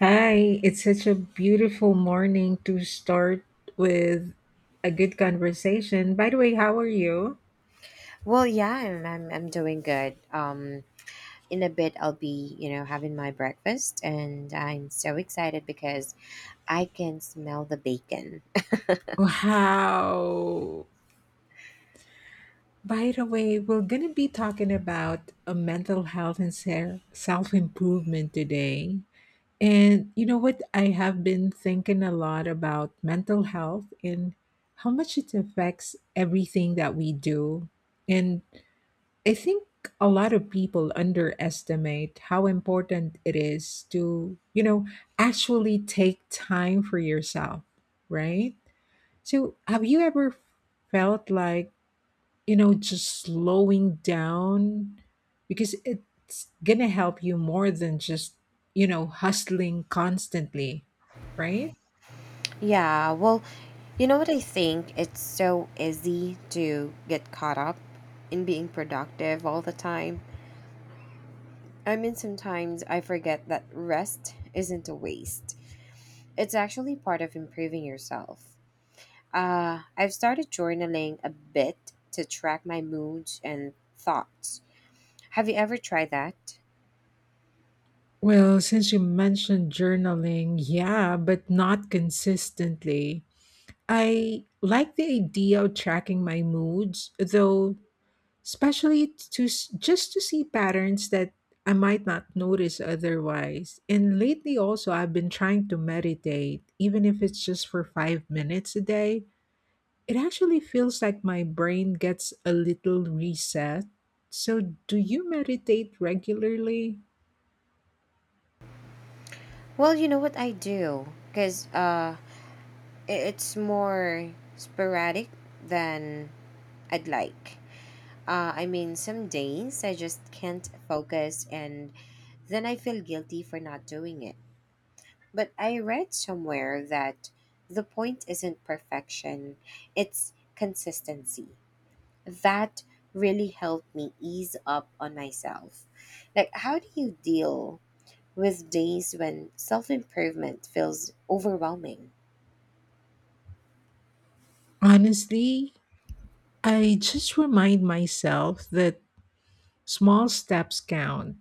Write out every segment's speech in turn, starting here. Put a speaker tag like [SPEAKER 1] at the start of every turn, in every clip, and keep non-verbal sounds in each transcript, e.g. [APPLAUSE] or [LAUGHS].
[SPEAKER 1] Hi, it's such a beautiful morning to start with a good conversation. By the way, how are you?
[SPEAKER 2] Well, yeah, I'm doing good. In a bit, I'll be, you know, having my breakfast, and I'm so excited because I can smell the bacon.
[SPEAKER 1] Wow. By the way, we're going to be talking about a mental health and self improvement today. And you know what? I have been thinking a lot about mental health and how much it affects everything that we do. And I think a lot of people underestimate how important it is to, actually take time for yourself, right? So, have you ever felt like, just slowing down because it's going to help you more than just, hustling constantly, right?
[SPEAKER 2] Yeah, well, you know what I think? It's so easy to get caught up in being productive all the time. I mean, sometimes I forget that rest isn't a waste. It's actually part of improving yourself. I've started journaling a bit to track my moods and thoughts. Have you ever tried that?
[SPEAKER 1] Well, since you mentioned journaling, yeah, but not consistently. I like the idea of tracking my moods, though, especially just to see patterns that I might not notice otherwise. And lately, also, I've been trying to meditate, even if it's just for 5 minutes a day. It actually feels like my brain gets a little reset. So, do you meditate regularly?
[SPEAKER 2] Well, you know what I do, because it's more sporadic than I'd like. I mean, some days I just can't focus and then I feel guilty for not doing it. But I read somewhere that the point isn't perfection, it's consistency. That really helped me ease up on myself. Like, how do you deal with days when self improvement feels overwhelming?
[SPEAKER 1] Honestly, I just remind myself that small steps count.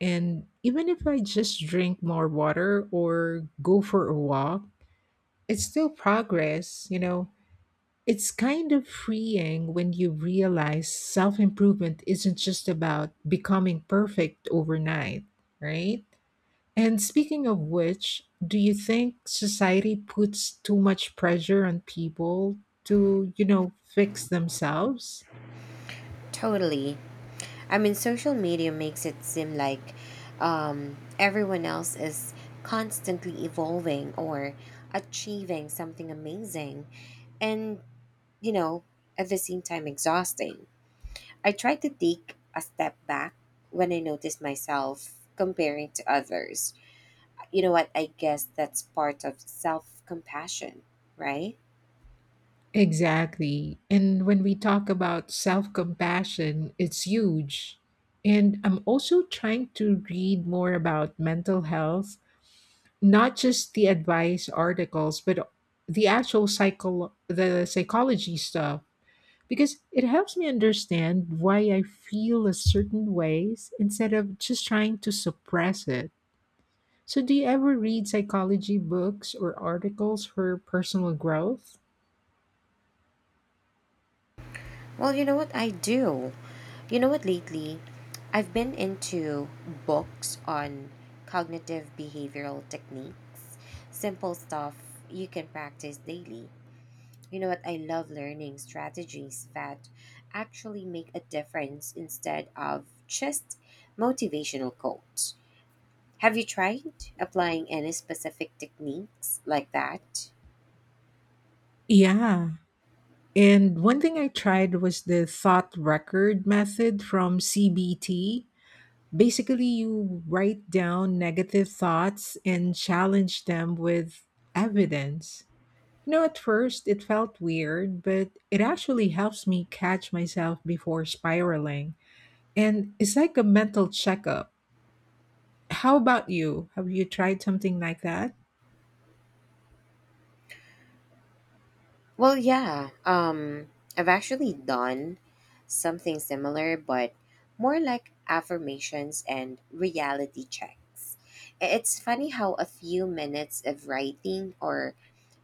[SPEAKER 1] And even if I just drink more water or go for a walk, it's still progress, you know. It's kind of freeing when you realize self improvement isn't just about becoming perfect overnight, right? And speaking of which, do you think society puts too much pressure on people to, fix themselves?
[SPEAKER 2] Totally. I mean, social media makes it seem like, everyone else is constantly evolving or achieving something amazing and, you know, at the same time exhausting. I try to take a step back when I notice myself comparing to others. You know what? I guess that's part of self compassion, right?
[SPEAKER 1] Exactly. And when we talk about self compassion, it's huge. And I'm also trying to read more about mental health, not just the advice articles, but the actual the psychology stuff, because it helps me understand why I feel a certain ways instead of just trying to suppress it. So, do you ever read psychology books or articles for personal growth?
[SPEAKER 2] Well, you know what? I do. You know what? Lately, I've been into books on cognitive behavioral techniques, simple stuff you can practice daily. You know what? I love learning strategies that actually make a difference instead of just motivational quotes. Have you tried applying any specific techniques like that?
[SPEAKER 1] Yeah. And one thing I tried was the thought record method from CBT. Basically, you write down negative thoughts and challenge them with evidence. You know, at first it felt weird, but it actually helps me catch myself before spiraling. And it's like a mental checkup. How about you? Have you tried something like that?
[SPEAKER 2] Well, yeah. I've actually done something similar, but more like affirmations and reality checks. It's funny how a few minutes of writing or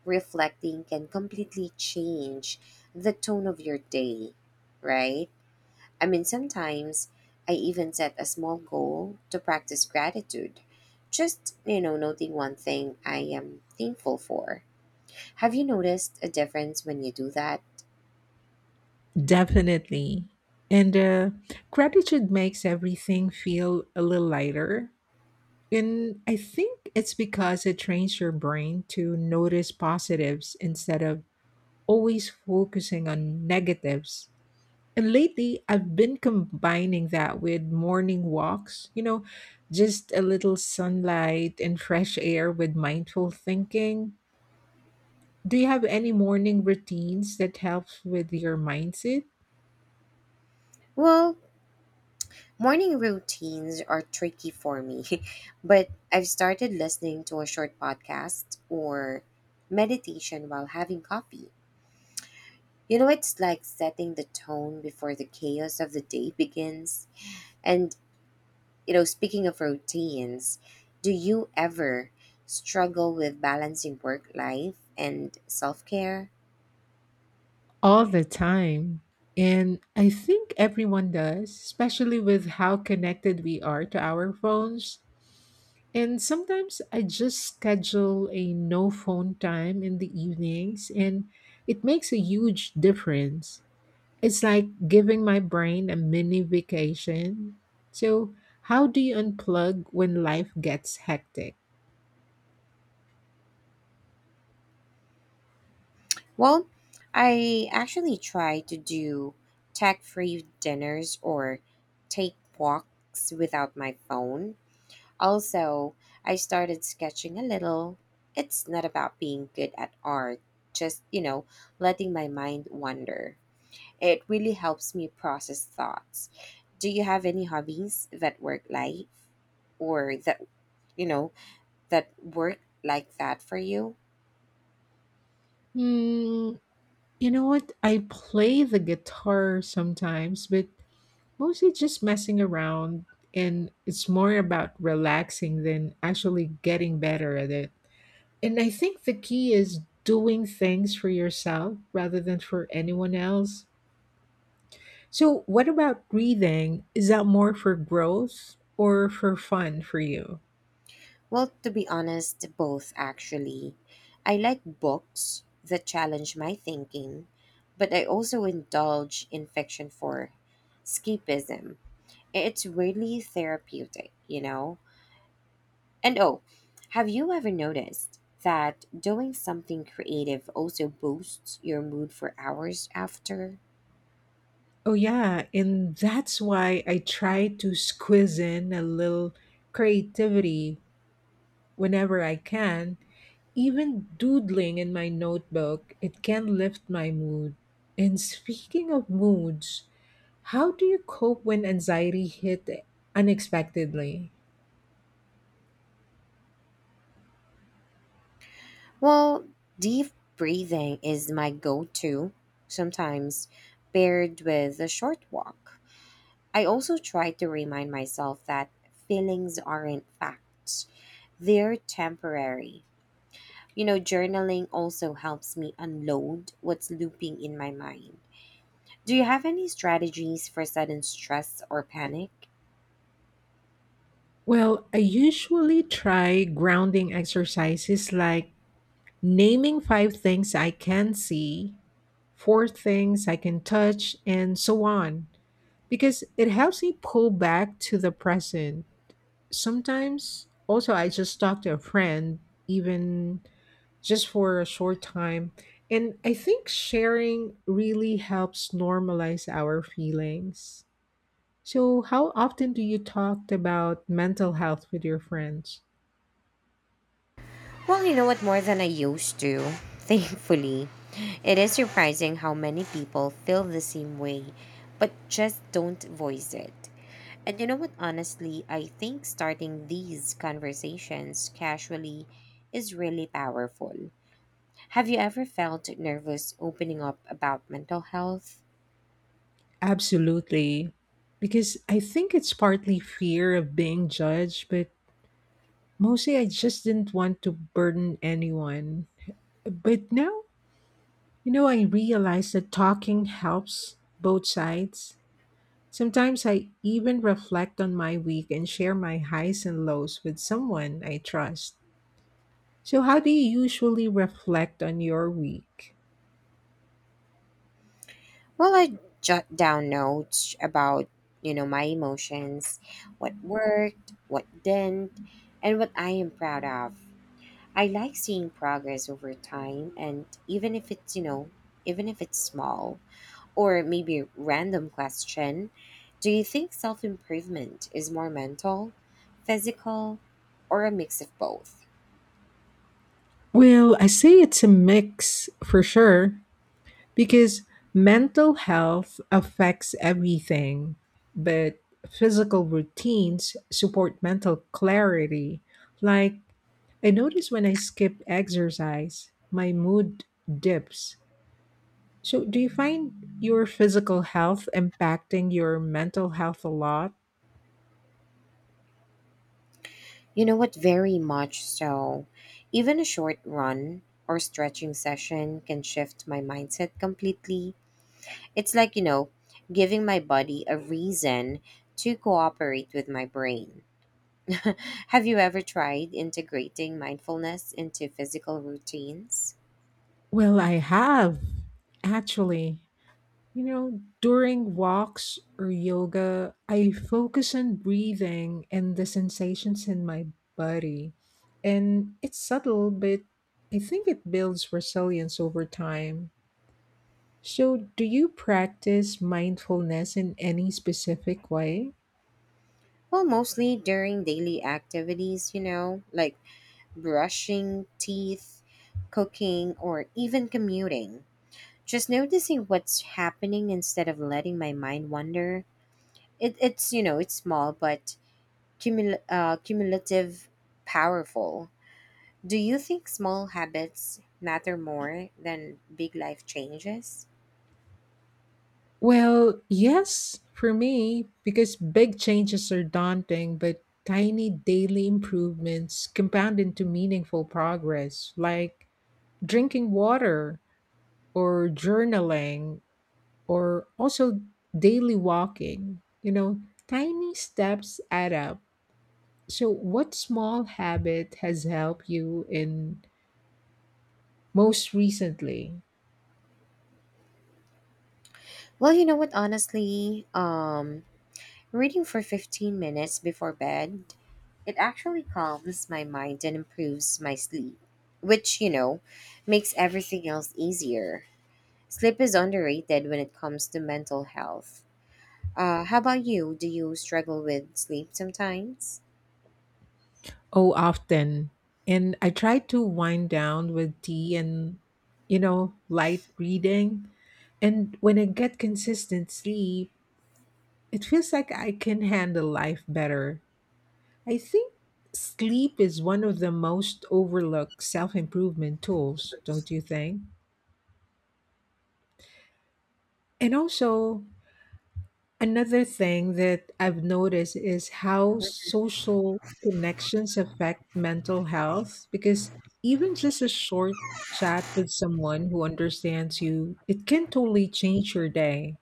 [SPEAKER 2] reflecting can completely change the tone of your day, right? I mean, sometimes I even set a small goal to practice gratitude. Just, you know, noting one thing I am thankful for. Have you noticed a difference when you do that?
[SPEAKER 1] Definitely. And gratitude makes everything feel a little lighter. And I think it's because it trains your brain to notice positives instead of always focusing on negatives. And lately, I've been combining that with morning walks, you know, just a little sunlight and fresh air with mindful thinking. Do you have any morning routines that helps with your mindset?
[SPEAKER 2] Well, morning routines are tricky for me, [LAUGHS] but I've started listening to a short podcast or meditation while having coffee. You know, it's like setting the tone before the chaos of the day begins. And, you know, speaking of routines, do you ever struggle with balancing work life and self care?
[SPEAKER 1] All the time. And I think everyone does, especially with how connected we are to our phones. And sometimes I just schedule a no phone time in the evenings, and it makes a huge difference. It's like giving my brain a mini vacation. So, how do you unplug when life gets hectic?
[SPEAKER 2] Well, I actually try to do tech free dinners or take walks without my phone. Also, I started sketching a little. It's not about being good at art, just, you know, letting my mind wander. It really helps me process thoughts. Do you have any hobbies that work life or that, you know, that work like that for you?
[SPEAKER 1] Hmm, you know what? I play the guitar sometimes, but mostly just messing around, and it's more about relaxing than actually getting better at it. And I think the key is doing things for yourself rather than for anyone else. So, what about breathing? Is that more for growth or for fun for you?
[SPEAKER 2] Well, to be honest, both actually. I like books that challenge my thinking, but I also indulge in fiction for escapism. It's really therapeutic, you know? And oh, have you ever noticed that doing something creative also boosts your mood for hours after?
[SPEAKER 1] Oh, yeah. And that's why I try to squeeze in a little creativity whenever I can. Even doodling in my notebook, it can lift my mood. And speaking of moods, how do you cope when anxiety hit unexpectedly?
[SPEAKER 2] Well, deep breathing is my go to, sometimes paired with a short walk. I also try to remind myself that feelings aren't facts, they're temporary. You know, journaling also helps me unload what's looping in my mind. Do you have any strategies for sudden stress or panic?
[SPEAKER 1] Well, I usually try grounding exercises like naming five things I can see, four things I can touch, and so on, because it helps me pull back to the present. Sometimes also I just talk to a friend, even just for a short time. And I think sharing really helps normalize our feelings. So, how often do you talk about mental health with your friends?
[SPEAKER 2] Well, you know what, more than I used to, [LAUGHS] thankfully. It is surprising how many people feel the same way, but just don't voice it. And you know what, honestly, I think starting these conversations casually is really powerful. Have you ever felt nervous opening up about mental health?
[SPEAKER 1] Absolutely. Because I think it's partly fear of being judged, but mostly I just didn't want to burden anyone. But now, I realize that talking helps both sides. Sometimes I even reflect on my week and share my highs and lows with someone I trust. So, how do you usually reflect on your week?
[SPEAKER 2] Well, I jot down notes about, you know, my emotions, what worked, what didn't, and what I am proud of. I like seeing progress over time and even if it's, you know, even if it's small, or maybe a random question, do you think self-improvement is more mental, physical, or a mix of both?
[SPEAKER 1] Well, I say it's a mix for sure because mental health affects everything, but physical routines support mental clarity. Like, I notice when I skip exercise, my mood dips. So, do you find your physical health impacting your mental health a lot?
[SPEAKER 2] You know what, very much so. Even a short run or stretching session can shift my mindset completely. It's like, you know, giving my body a reason to cooperate with my brain. [LAUGHS] Have you ever tried integrating mindfulness into physical routines?
[SPEAKER 1] Well, I have, actually. You know, during walks or yoga, I focus on breathing and the sensations in my body. And it's subtle, but I think it builds resilience over time. So, do you practice mindfulness in any specific way?
[SPEAKER 2] Well, mostly during daily activities, you know, like brushing teeth, cooking, or even commuting. Just noticing what's happening instead of letting my mind wander. It, it's, you know, it's small, but cumulative, powerful. Do you think small habits matter more than big life changes?
[SPEAKER 1] Well, yes, for me, because big changes are daunting, but tiny daily improvements compound into meaningful progress, like drinking water or journaling or also daily walking. You know, tiny steps add up. So, what small habit has helped you in most recently?
[SPEAKER 2] Well, you know what, honestly, reading for 15 minutes before bed, it actually calms my mind and improves my sleep, which, you know, makes everything else easier. Sleep is underrated when it comes to mental health. How about you? Do you struggle with sleep sometimes?
[SPEAKER 1] Oh, often. And I try to wind down with tea and, light reading. And when I get consistent sleep, it feels like I can handle life better. I think sleep is one of the most overlooked self improvement tools, don't you think? And also, another thing that I've noticed is how social connections affect mental health, because even just a short chat with someone who understands you, it can totally change your day.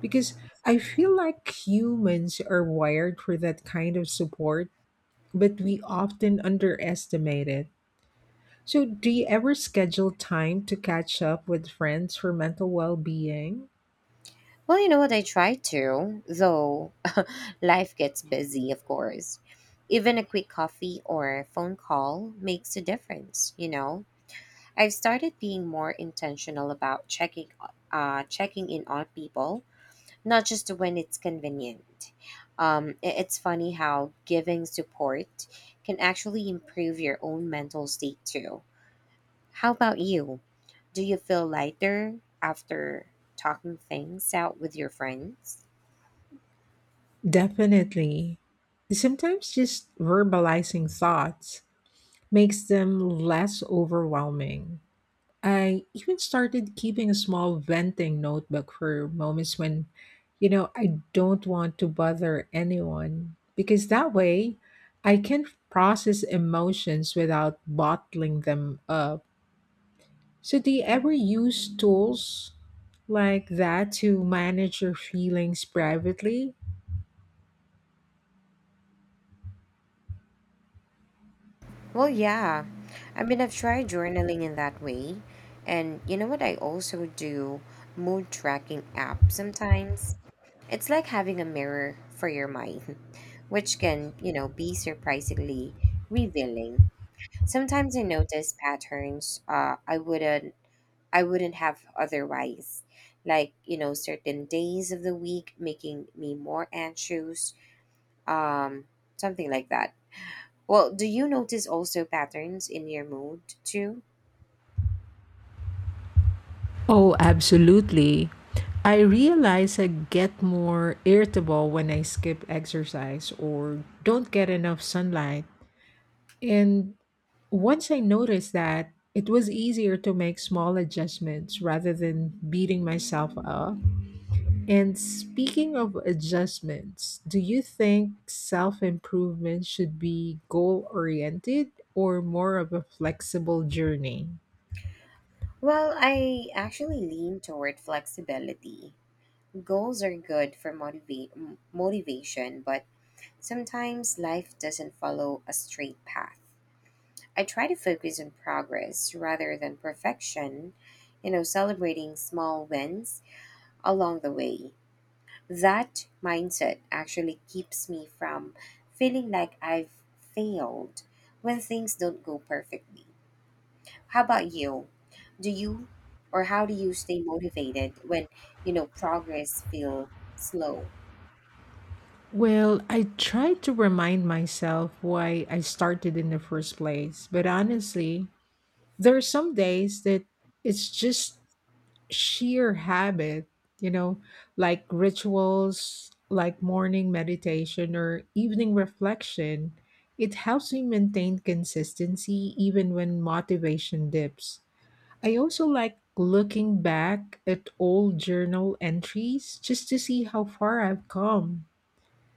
[SPEAKER 1] Because I feel like humans are wired for that kind of support, but we often underestimate it. So, do you ever schedule time to catch up with friends for mental well being?
[SPEAKER 2] Well, you know what, I try to, though [LAUGHS] life gets busy, of course. Even a quick coffee or phone call makes a difference, you know? I've started being more intentional about checking in on people, not just when it's convenient. It's funny how giving support can actually improve your own mental state too. How about you? Do you feel lighter after talking things out with your friends?
[SPEAKER 1] Definitely. Sometimes just verbalizing thoughts makes them less overwhelming. I even started keeping a small venting notebook for moments when, I don't want to bother anyone, because that way I can process emotions without bottling them up. So, do you ever use tools like that to manage your feelings privately?
[SPEAKER 2] Well, yeah. I mean, I've tried journaling in that way. And you know what? I also do mood tracking apps sometimes. It's like having a mirror for your mind, [LAUGHS] which can, you know, be surprisingly revealing. Sometimes I notice patterns, I wouldn't, have otherwise. Like, you know, certain days of the week making me more anxious, um, something like that. Well, do you notice also patterns in your mood too?
[SPEAKER 1] Oh, absolutely. I realize I get more irritable when I skip exercise or don't get enough sunlight. And once I noticed that, it was easier to make small adjustments rather than beating myself up. And speaking of adjustments, do you think self improvement should be goal oriented or more of a flexible journey?
[SPEAKER 2] Well, I actually lean toward flexibility. Goals are good for motivation, but sometimes life doesn't follow a straight path. I try to focus on progress rather than perfection, you know, celebrating small wins along the way. That mindset actually keeps me from feeling like I've failed when things don't go perfectly. How about you? Do you, or how do you, stay motivated when, you know, progress feel slow?
[SPEAKER 1] Well, I try to remind myself why I started in the first place, but honestly, there are some days that it's just sheer habit, you know, like rituals, like morning meditation or evening reflection, it helps me maintain consistency even when motivation dips. I also like looking back at old journal entries just to see how far I've come.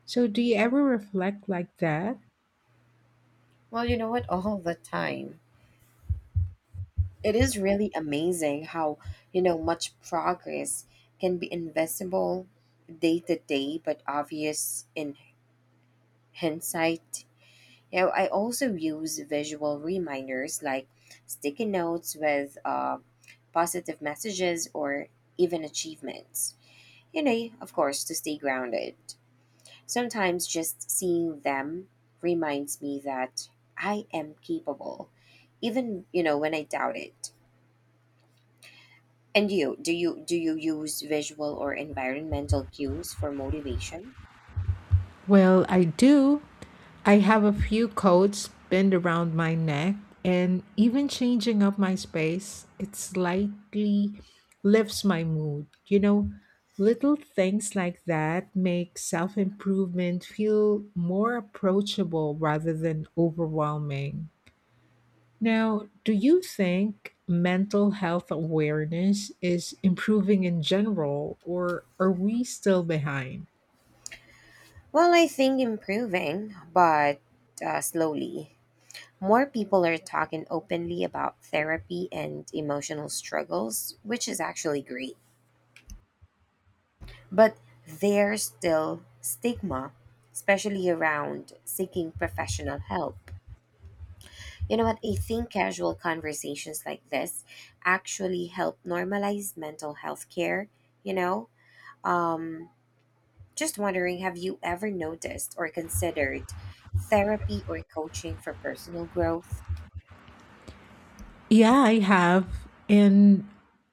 [SPEAKER 1] So, do you ever reflect like that?
[SPEAKER 2] Well, you know what? [LAUGHS] All the time. It is really amazing how, you know, much progress can be invisible day to day but obvious in hindsight. You know, I also use visual reminders like sticky notes with, positive messages or even achievements, you know, of course, to stay grounded. Sometimes just seeing them reminds me that I am capable, even, you know, when I doubt it. And you, do you, use visual or environmental cues for motivation?
[SPEAKER 1] Well, I do. I have a few coats pinned around my neck, and even changing up my space, it slightly lifts my mood. You know, little things like that make self improvement feel more approachable rather than overwhelming. Now, do you think mental health awareness is improving in general, or are we still behind?
[SPEAKER 2] Well, I think improving, but slowly. More people are talking openly about therapy and emotional struggles, which is actually great. But there's still stigma, especially around seeking professional help. You know what? I think casual conversations like this actually help normalize mental health care, you know? Um, just wondering, have you ever noticed or considered therapy or coaching for personal growth?
[SPEAKER 1] Yeah, I have. And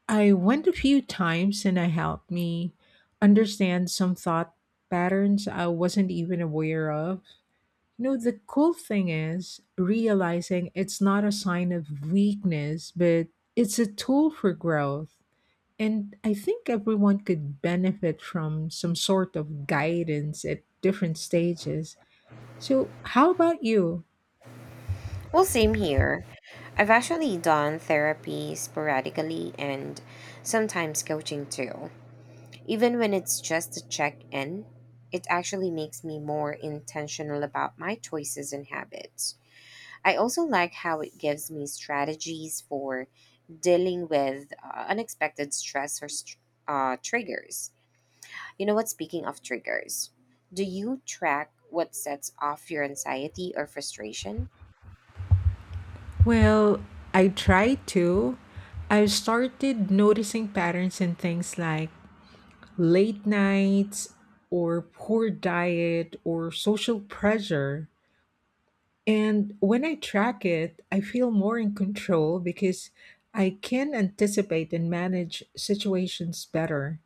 [SPEAKER 1] I went a few times and it helped me understand some thought patterns I wasn't even aware of. You know, the cool thing is realizing it's not a sign of weakness, but it's a tool for growth. And I think everyone could benefit from some sort of guidance at different stages. So, how about you?
[SPEAKER 2] Well, same here. I've actually done therapy sporadically and sometimes coaching too. Even when it's just a check in, it actually makes me more intentional about my choices and habits. I also like how it gives me strategies for dealing with, unexpected stress or triggers. You know what? Speaking of triggers, do you track what sets off your anxiety or frustration?
[SPEAKER 1] Well, I try to. I've started noticing patterns in things like late nights or poor diet or social pressure. And when I track it, I feel more in control, because I can anticipate and manage situations better.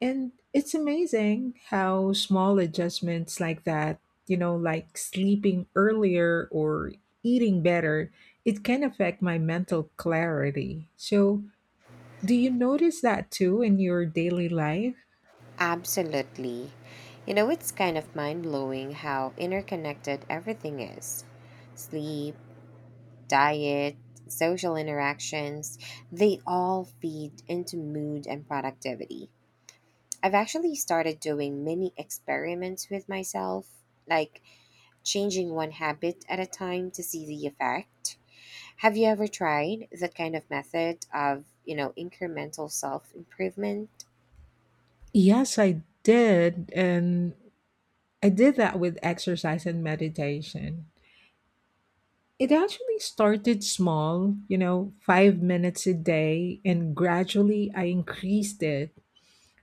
[SPEAKER 1] And it's amazing how small adjustments like that, you know, like sleeping earlier or eating better, it can affect my mental clarity. So, do you notice that too in your daily life?
[SPEAKER 2] Absolutely. You know, it's kind of mind blowing how interconnected everything is: sleep, diet, social interactions, they all feed into mood and productivity. I've actually started doing mini experiments with myself, like changing one habit at a time to see the effect. Have you ever tried that kind of method of, you know, incremental self improvement?
[SPEAKER 1] Yes, I did. And I did that with exercise and meditation. It actually started small, you know, 5 minutes a day, and gradually I increased it.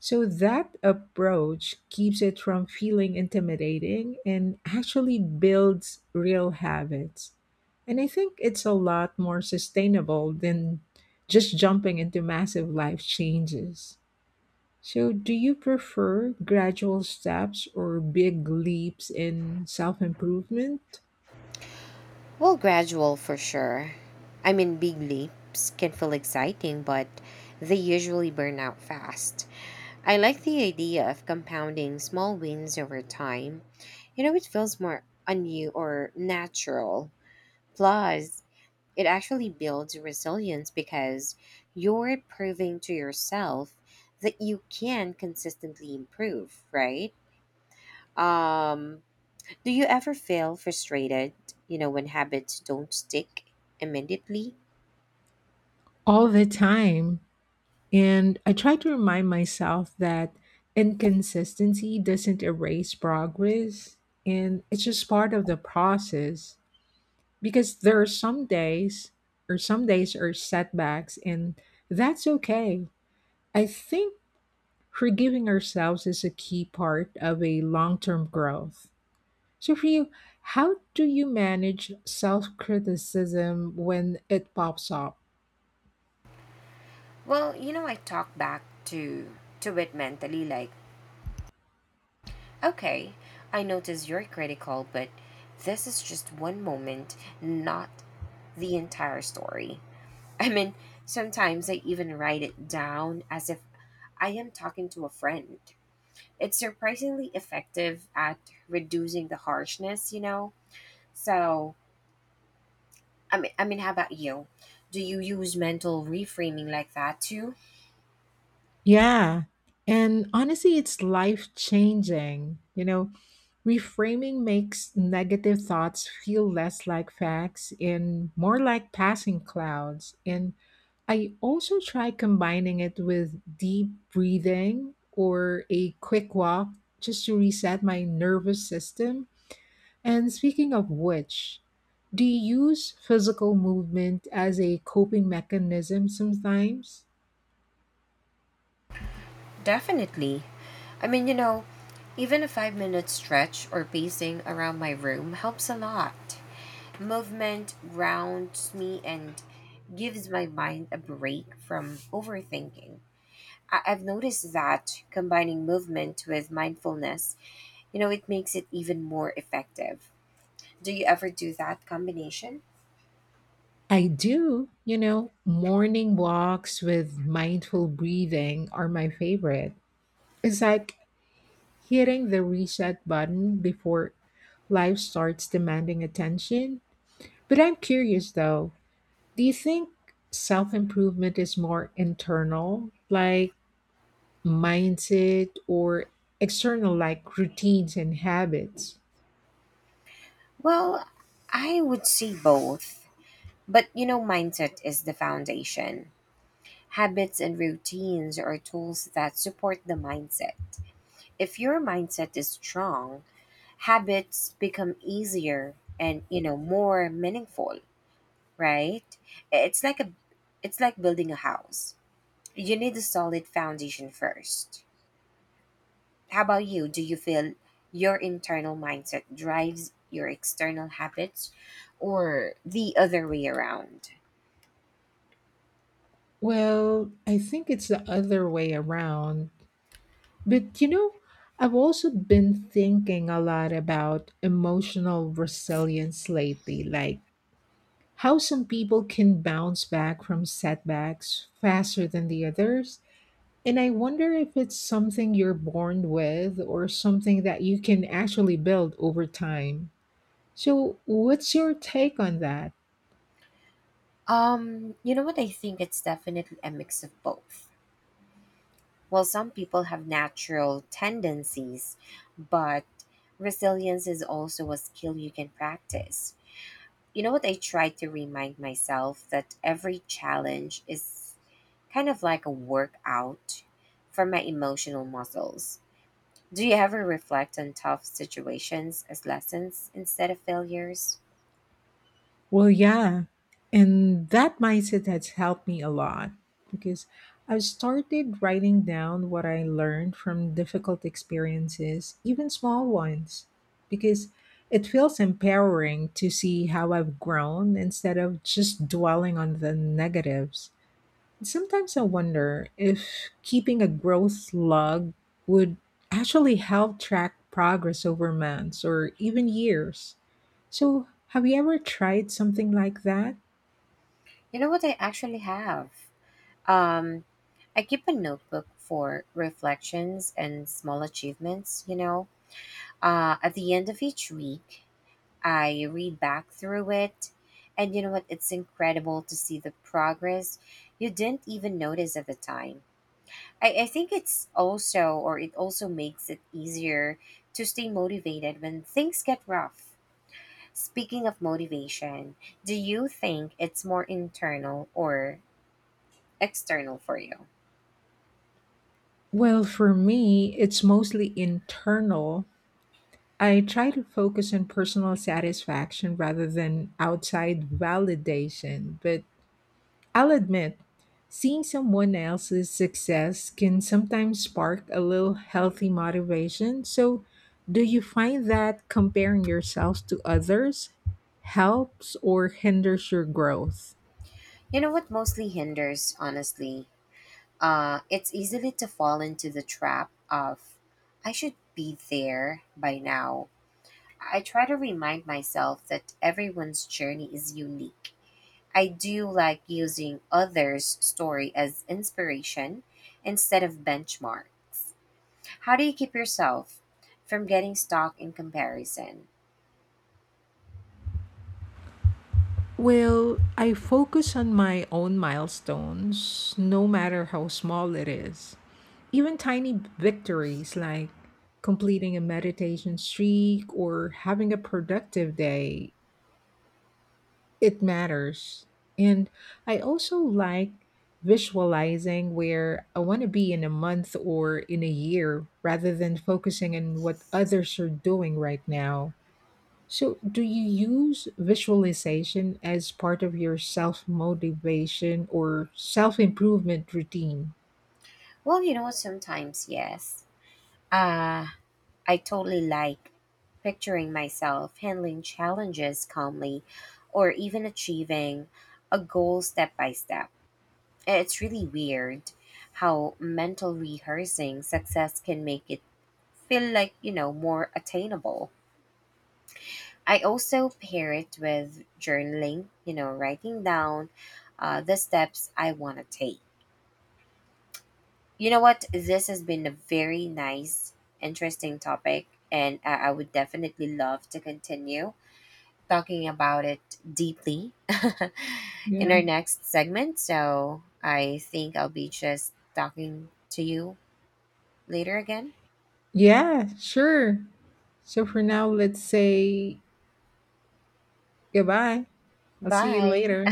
[SPEAKER 1] So that approach keeps it from feeling intimidating and actually builds real habits. And I think it's a lot more sustainable than just jumping into massive life changes. So, do you prefer gradual steps or big leaps in self improvement?
[SPEAKER 2] Well, gradual for sure. I mean, big leaps can feel exciting, but they usually burn out fast. I like the idea of compounding small wins over time. You know, it feels more on you or natural. Plus, it actually builds resilience because you're proving to yourself that you can consistently improve, right? Um, do you ever feel frustrated, you know, when habits don't stick immediately?
[SPEAKER 1] All the time. And I try to remind myself that inconsistency doesn't erase progress and it's just part of the process, because there are some days, or some days are setbacks and that's okay. I think forgiving ourselves is a key part of a long-term growth. So for you, how do you manage self-criticism when it pops up?
[SPEAKER 2] Well, you know, I talk back to it mentally, like, okay, I notice you're critical, but this is just one moment, not the entire story. I mean, sometimes I even write it down as if I am talking to a friend. It's surprisingly effective at reducing the harshness, you know? So, I mean, how about you? Do you use mental reframing like that too?
[SPEAKER 1] Yeah. And honestly, it's life changing. You know, reframing makes negative thoughts feel less like facts and more like passing clouds. And I also try combining it with deep breathing or a quick walk just to reset my nervous system. And speaking of which, do you use physical movement as a coping mechanism sometimes?
[SPEAKER 2] Definitely. I mean, you know, even a 5-minute stretch or pacing around my room helps a lot. Movement grounds me and gives my mind a break from overthinking. I've noticed that combining movement with mindfulness, you know, it makes it even more effective. Do you ever do that combination?
[SPEAKER 1] I do. You know, morning walks with mindful breathing are my favorite. It's like hitting the reset button before life starts demanding attention. But I'm curious though, do you think self improvement is more internal, like mindset, or external, like routines and habits?
[SPEAKER 2] Well, I would say both. But, you know, mindset is the foundation. Habits and routines are tools that support the mindset. If your mindset is strong, habits become easier and, you know, more meaningful, right? It's like a, it's like building a house. You need a solid foundation first. How about you? Do you feel your internal mindset drives your external habits or the other way around?
[SPEAKER 1] Well, I think it's the other way around. But you know, I've also been thinking a lot about emotional resilience lately, like how some people can bounce back from setbacks faster than the others. And I wonder if it's something you're born with or something that you can actually build over time. So, what's your take on that?
[SPEAKER 2] You know what? I think it's definitely a mix of both. Well, some people have natural tendencies, but resilience is also a skill you can practice. You know what? I try to remind myself that every challenge is kind of like a workout for my emotional muscles. Do you ever reflect on tough situations as lessons instead of failures?
[SPEAKER 1] Well, yeah. And that mindset has helped me a lot, because I've started writing down what I learned from difficult experiences, even small ones, because it feels empowering to see how I've grown instead of just dwelling on the negatives. Sometimes I wonder if keeping a growth log would actually help track progress over months or even years. So, have you ever tried something like that?
[SPEAKER 2] You know what, I actually have? Um, I keep a notebook for reflections and small achievements, you know. At the end of each week, I read back through it. And you know what? It's incredible to see the progress you didn't even notice at the time. I think it's also, or it also makes it easier to stay motivated when things get rough. Speaking of motivation, do you think it's more internal or external for you?
[SPEAKER 1] Well, for me, it's mostly internal. I try to focus on personal satisfaction rather than outside validation, but I'll admit, seeing someone else's success can sometimes spark a little healthy motivation. So, do you find that comparing yourself to others helps or hinders your growth?
[SPEAKER 2] You know what, mostly hinders, honestly. It's easily to fall into the trap of, I should be there by now. I try to remind myself that everyone's journey is unique. I do like using others' story as inspiration instead of benchmarks. How do you keep yourself from getting stuck in comparison?
[SPEAKER 1] Well, I focus on my own milestones, no matter how small it is. Even tiny victories like completing a meditation streak or having a productive day, it matters. And I also like visualizing where I want to be in a month or in a year rather than focusing on what others are doing right now. So, do you use visualization as part of your self motivation or self improvement routine?
[SPEAKER 2] Well, you know, sometimes yes. Uh, I totally like picturing myself handling challenges calmly or even achieving a goal step by step. It's really weird how mental rehearsing success can make it feel like, you know, more attainable. I also pair it with journaling, you know, writing down, the steps I want to take. You know what? This has been a very nice, interesting topic, and I would definitely love to continue talking about it deeply [LAUGHS] in
[SPEAKER 1] Yeah.
[SPEAKER 2] our next segment. So I think I'll be just talking to you later again.
[SPEAKER 1] Yeah, sure. So, for now, let's say goodbye. I'll see you
[SPEAKER 2] Bye.
[SPEAKER 1] later.